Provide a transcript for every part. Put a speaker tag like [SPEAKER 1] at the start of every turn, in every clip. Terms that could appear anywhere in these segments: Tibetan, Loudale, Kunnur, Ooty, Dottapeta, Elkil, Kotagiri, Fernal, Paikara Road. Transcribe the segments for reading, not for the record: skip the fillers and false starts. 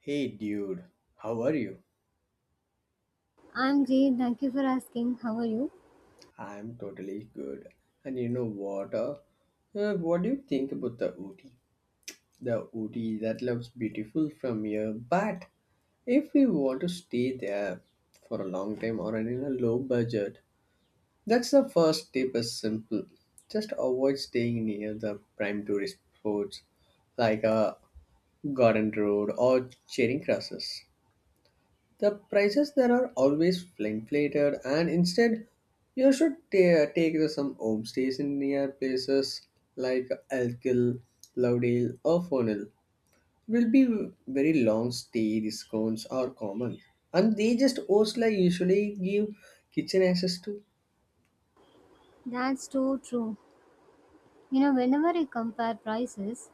[SPEAKER 1] Hey dude, how are you?
[SPEAKER 2] I'm great, thank you for asking. How are you?
[SPEAKER 1] I'm totally good. And you know what? What do you think about the Ooty? The Ooty that looks beautiful from here, but if we want to stay there for a long time or in a low budget, that's the first tip is simple. Just avoid staying near the prime tourist spots like a garden road or charing crosses. The prices there are always inflated, and instead, you should take the some homestays in near places like Elkil, Loudale, or Fernal. Will be very long stay discounts are common, and they just host like usually give kitchen access to.
[SPEAKER 2] That's so true. You know, whenever I compare prices,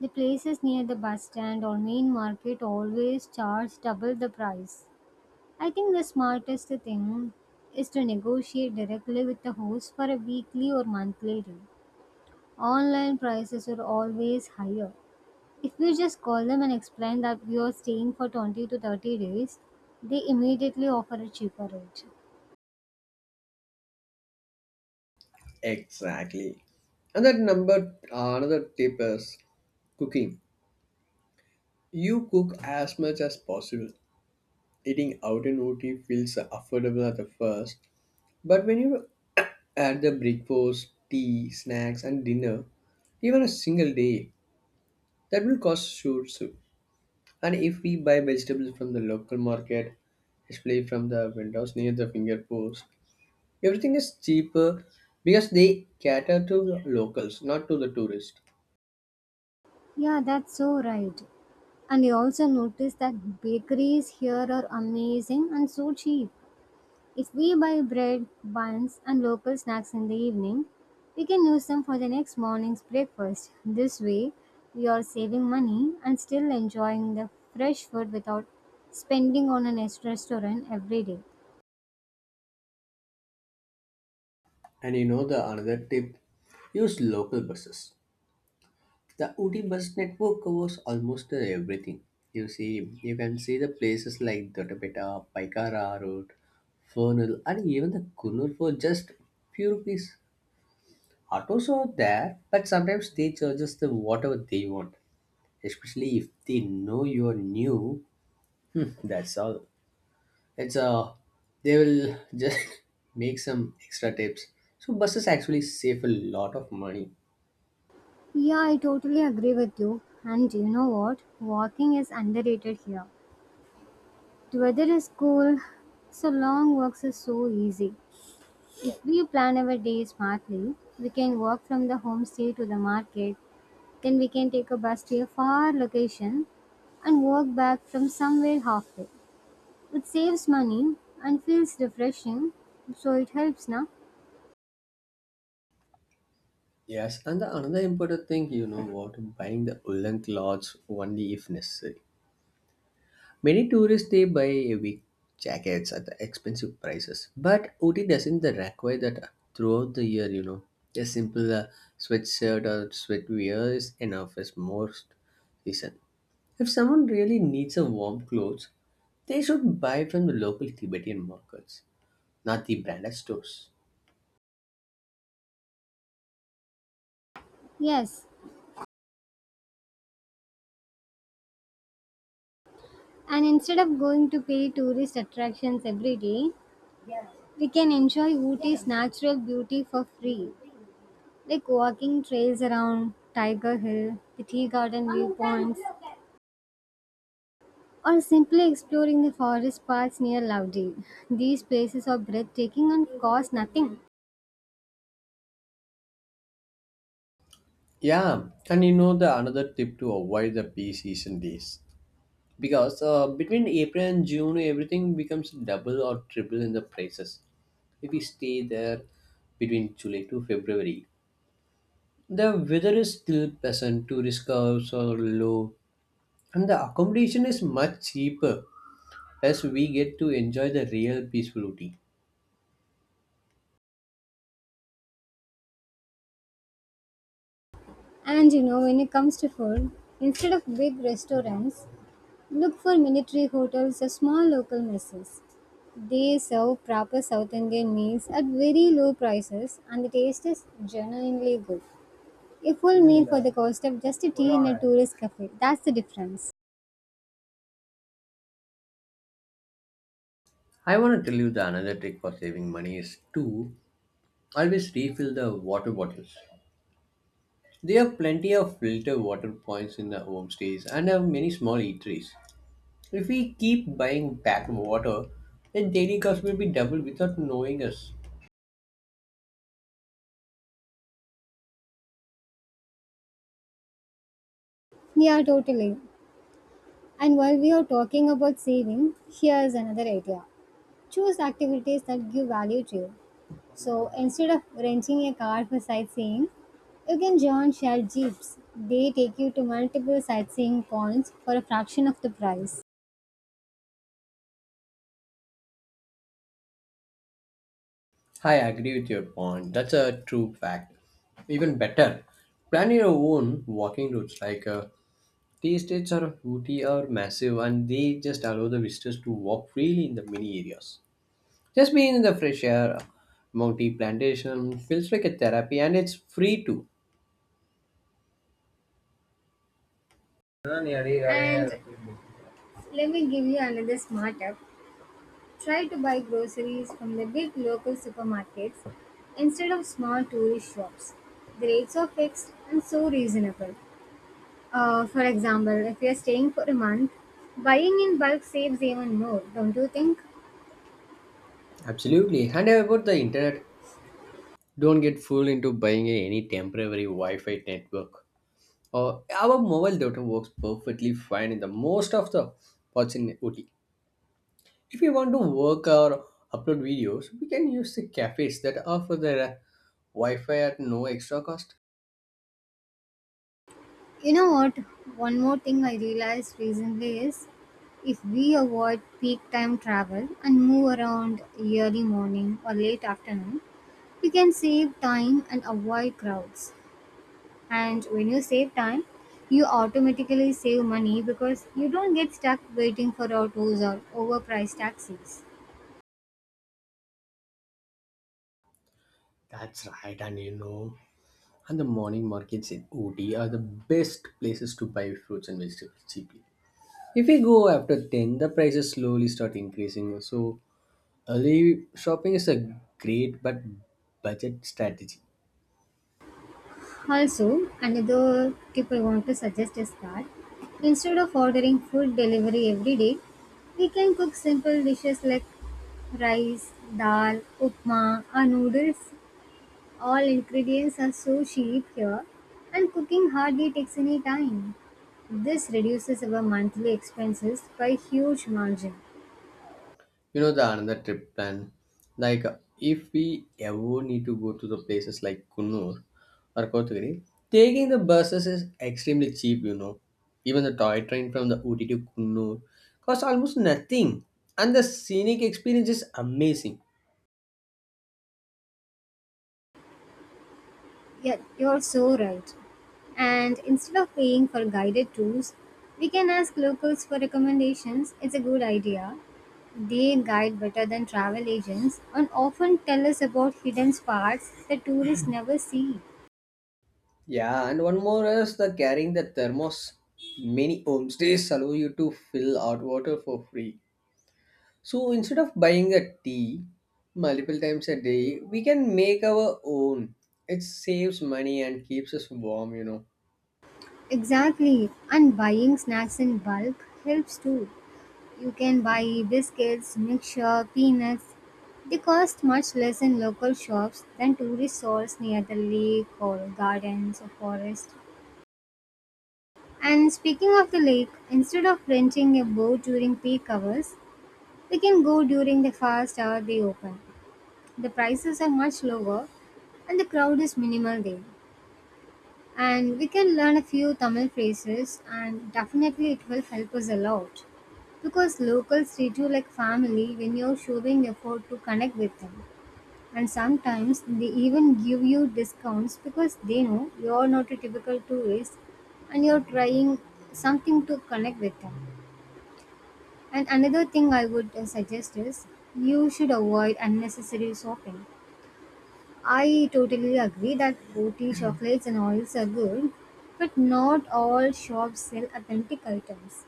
[SPEAKER 2] the places near the bus stand or main market always charge double the price. I think the smartest thing is to negotiate directly with the host for a weekly or monthly rate. Online prices are always higher. If we just call them and explain that we are staying for 20 to 30 days, they immediately offer a cheaper rate.
[SPEAKER 1] Exactly. And that number another tip is cooking. You cook as much as possible. Eating out in OT feels affordable at the first, but when you add the breakfast, tea, snacks, and dinner, even a single day, that will cost shoot. Shoot. And if we buy vegetables from the local market, especially from the vendors near the finger post, everything is cheaper because they cater to the locals, not to the tourists.
[SPEAKER 2] Yeah, that's so right. And you also notice that bakeries here are amazing and so cheap. If we buy bread, buns, and local snacks in the evening, we can use them for the next morning's breakfast. This way, we are saving money and still enjoying the fresh food without spending on an extra restaurant every day.
[SPEAKER 1] And you know the another tip: use local buses. The Udi bus network covers almost everything. You see, you can see the places like Dottapeta, Paikara Road, Fernal, and even the Kunnur for just few rupees. Autos are there, but sometimes they charge us the whatever they want, especially if they know you're new. That's all. It's they will just make some extra tips. So buses actually save a lot of money.
[SPEAKER 2] Yeah, I totally agree with you. And you know what? Walking is underrated here. The weather is cool, so long walks are so easy. If we plan our day smartly, we can walk from the homestay to the market, then we can take a bus to a far location and walk back from somewhere halfway. It saves money and feels refreshing, so it helps, na?
[SPEAKER 1] Yes, and the another important thing, you know what, buying the woolen clothes only if necessary. Many tourists they buy heavy jackets at the expensive prices, but Ooty doesn't the require that throughout the year. You know, a simple sweatshirt or sweatwear is enough as most season. If someone really needs a warm clothes, they should buy from the local Tibetan markets, not the branded stores.
[SPEAKER 2] Yes, and instead of going to pay tourist attractions every day, we can enjoy Ooty's natural beauty for free, like walking trails around Tiger Hill, the tea garden viewpoints, or simply exploring the forest paths near Loudale. These places are breathtaking and cost nothing.
[SPEAKER 1] Yeah, and you know the another tip to avoid the peak season days, because between April and June, everything becomes double or triple in the prices. If we stay there between July to February, the weather is still pleasant, tourist curves are low, and the accommodation is much cheaper as we get to enjoy the real peacefulity.
[SPEAKER 2] And you know, when it comes to food, instead of big restaurants, look for military hotels or small local messes. They serve proper South Indian meals at very low prices and the taste is genuinely good. A full meal for the cost of just a tea in a tourist cafe. That's the difference.
[SPEAKER 1] I want to tell you the another trick for saving money is to always refill the water bottles. They have plenty of filter water points in the homestays and have many small eateries. If we keep buying back water, then daily cost will be double without knowing us.
[SPEAKER 2] Yeah, totally. And while we are talking about saving, here's another idea. Choose activities that give value to you. So instead of renting a car for sightseeing, you can join shared jeeps. They take you to multiple sightseeing points for a fraction of the price.
[SPEAKER 1] I agree with your point. That's a true fact. Even better, plan your own walking routes. Like tea estates are Ooty are massive, and they just allow the visitors to walk freely in the mini areas. Just being in the fresh air, multi plantation feels like a therapy, and it's free too.
[SPEAKER 2] And let me give you another smart tip. Try to buy groceries from the big local supermarkets instead of small tourist shops. The rates are fixed and so reasonable. For example, if you are staying for a month, buying in bulk saves even more, don't you think?
[SPEAKER 1] Absolutely. And about the internet, don't get fooled into buying any temporary Wi-Fi network. Our mobile data works perfectly fine in the most of the parts in OT. If we want to work or upload videos, we can use the cafes that offer their Wi-Fi at no extra cost.
[SPEAKER 2] You know what? One more thing I realized recently is if we avoid peak time travel and move around early morning or late afternoon, we can save time and avoid crowds. And when you save time, you automatically save money because you don't get stuck waiting for autos or overpriced taxis.
[SPEAKER 1] That's right, and you know, and the morning markets in OT are the best places to buy fruits and vegetables cheaply. If we go after 10, the prices slowly start increasing. So early shopping is a great but budget strategy.
[SPEAKER 2] Also, another tip I want to suggest is that instead of ordering food delivery every day, we can cook simple dishes like rice, dal, upma or noodles. All ingredients are so cheap here and cooking hardly takes any time. This reduces our monthly expenses by huge margin.
[SPEAKER 1] You know the another trip plan. Like if we ever need to go to the places like Kunnur or Kotagiri, taking the buses is extremely cheap. You know, even the toy train from the Uti to Kunnur costs almost nothing, and the scenic experience is amazing.
[SPEAKER 2] Yeah, you're so right. And instead of paying for guided tours, we can ask locals for recommendations. It's a good idea. They guide better than travel agents and often tell us about hidden spots that tourists never see.
[SPEAKER 1] Yeah, and one more is the carrying the thermos. Many homestays allow you to fill out water for free. So instead of buying a tea multiple times a day, we can make our own. It saves money and keeps us warm, you know.
[SPEAKER 2] Exactly, and buying snacks in bulk helps too. You can buy biscuits, mixture, peanuts. They cost much less in local shops than tourist stores near the lake or gardens or forest. And speaking of the lake, instead of renting a boat during peak hours, we can go during the first hour they open. The prices are much lower and the crowd is minimal there. And we can learn a few Tamil phrases and definitely it will help us a lot, because locals treat you like family when you're showing effort to connect with them, and sometimes they even give you discounts because they know you're not a typical tourist and you're trying something to connect with them. And another thing I would suggest is you should avoid unnecessary shopping. I totally agree that boutique chocolates and oils are good, but not all shops sell authentic items.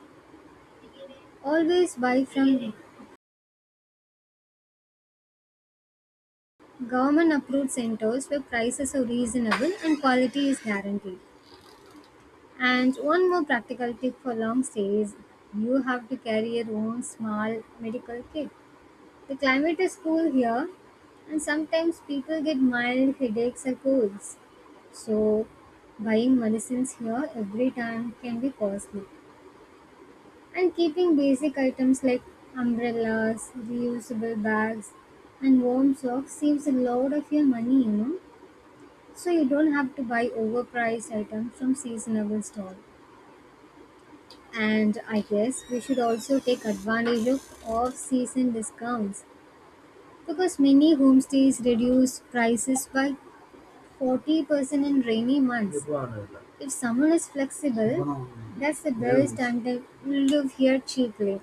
[SPEAKER 2] Always buy from government approved centers where prices are reasonable and quality is guaranteed. And one more practical tip for long stays: you have to carry your own small medical kit. The climate is cool here, and sometimes people get mild headaches or colds. So, buying medicines here every time can be costly. And keeping basic items like umbrellas, reusable bags, and warm socks saves a lot of your money, you know. So, you don't have to buy overpriced items from seasonable stores. And I guess we should also take advantage of off season discounts because many homestays reduce prices by 40% in rainy months. If someone is flexible, that's the best and they will live here cheaply.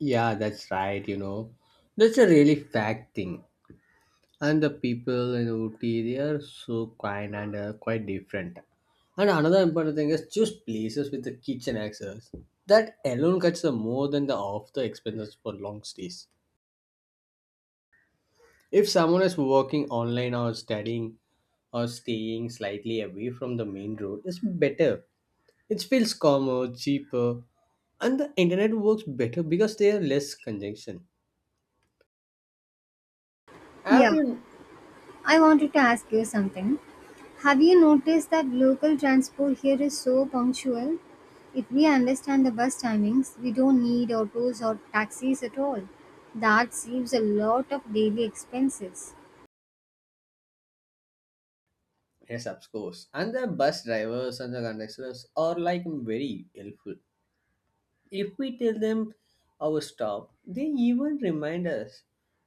[SPEAKER 1] Yeah, that's right, you know. That's a really fact thing. And the people in Ooty, they are so kind and quite different. And another important thing is choose places with the kitchen access. That alone cuts the more than the half the expenses for long stays. If someone is working online or studying, or staying slightly away from the main road is better. It feels calmer, cheaper, and the internet works better because there are less congestion. Have
[SPEAKER 2] Yeah,
[SPEAKER 1] you?
[SPEAKER 2] I wanted to ask you something. Have you noticed that local transport here is so punctual? If we understand the bus timings, we don't need autos or taxis at all. That saves a lot of daily expenses.
[SPEAKER 1] Yes, of course. And the bus drivers and the conductors are like very helpful. If we tell them our stop, they even remind us.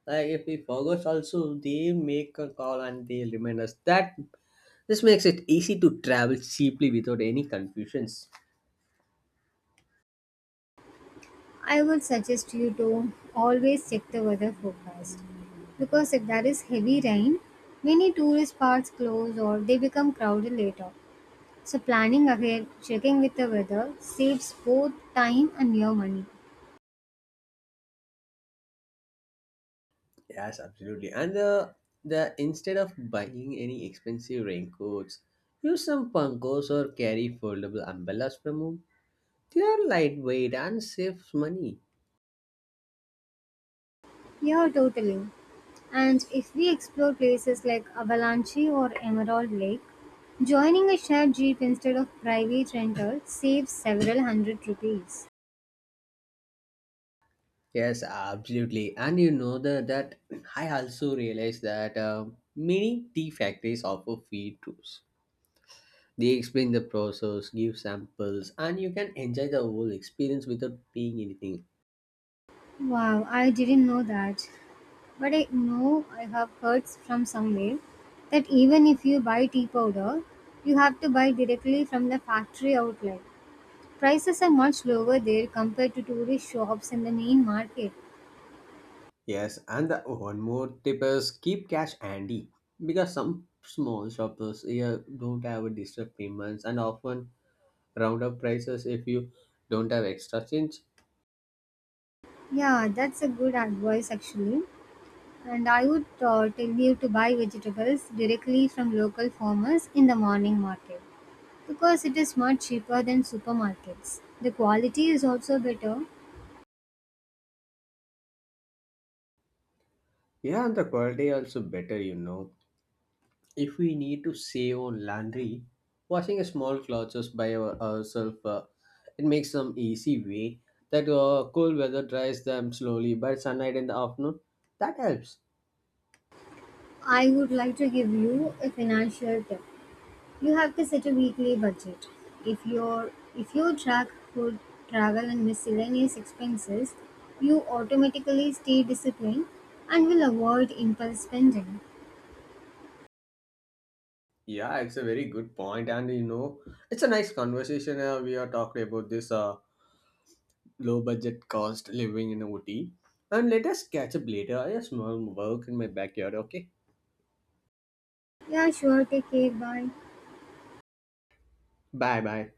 [SPEAKER 1] Like if we forgot, also they make a call and they remind us. That this makes it easy to travel cheaply without any confusions.
[SPEAKER 2] I would suggest you to always check the weather forecast, because if there is heavy rain, many tourist parks close or they become crowded later. So, planning ahead, checking with the weather saves both time and your money.
[SPEAKER 1] Yes, absolutely. And the instead of buying any expensive raincoats, use some punkos or carry foldable umbrellas from home. They are lightweight and saves money.
[SPEAKER 2] Yeah, totally. And if we explore places like Avalanche or Emerald Lake, joining a shared jeep instead of private rental saves several hundred rupees.
[SPEAKER 1] Yes, absolutely. And you know the, that I also realized that many tea factories offer free tours. They explain the process, give samples, and you can enjoy the whole experience without paying anything.
[SPEAKER 2] Wow, I didn't know that. But I know I have heard from somewhere that even if you buy tea powder, you have to buy directly from the factory outlet. Prices are much lower there compared to tourist shops in the main market.
[SPEAKER 1] Yes, and the one more tip is keep cash handy because some small shoppers here don't have a digital payments and often round up prices if you don't have extra change.
[SPEAKER 2] Yeah, that's a good advice actually. And I would tell you to buy vegetables directly from local farmers in the morning market because it is much cheaper than supermarkets. The quality is also better.
[SPEAKER 1] Yeah, and the quality also better, you know. If we need to save on laundry, washing a small clothes just by ourselves, it makes some easy way that cool weather dries them slowly by sunlight in the afternoon. That helps.
[SPEAKER 2] I would like to give you a financial tip. You have to set a weekly budget. If your if you track food, travel and miscellaneous expenses, you automatically stay disciplined and will avoid impulse spending.
[SPEAKER 1] Yeah, it's a very good point, and you know, it's a nice conversation. We are talking about this low budget cost living in OT, and let us catch up later. I have small work in my backyard. Okay,
[SPEAKER 2] Yeah, sure, take care, bye.
[SPEAKER 1] bye bye.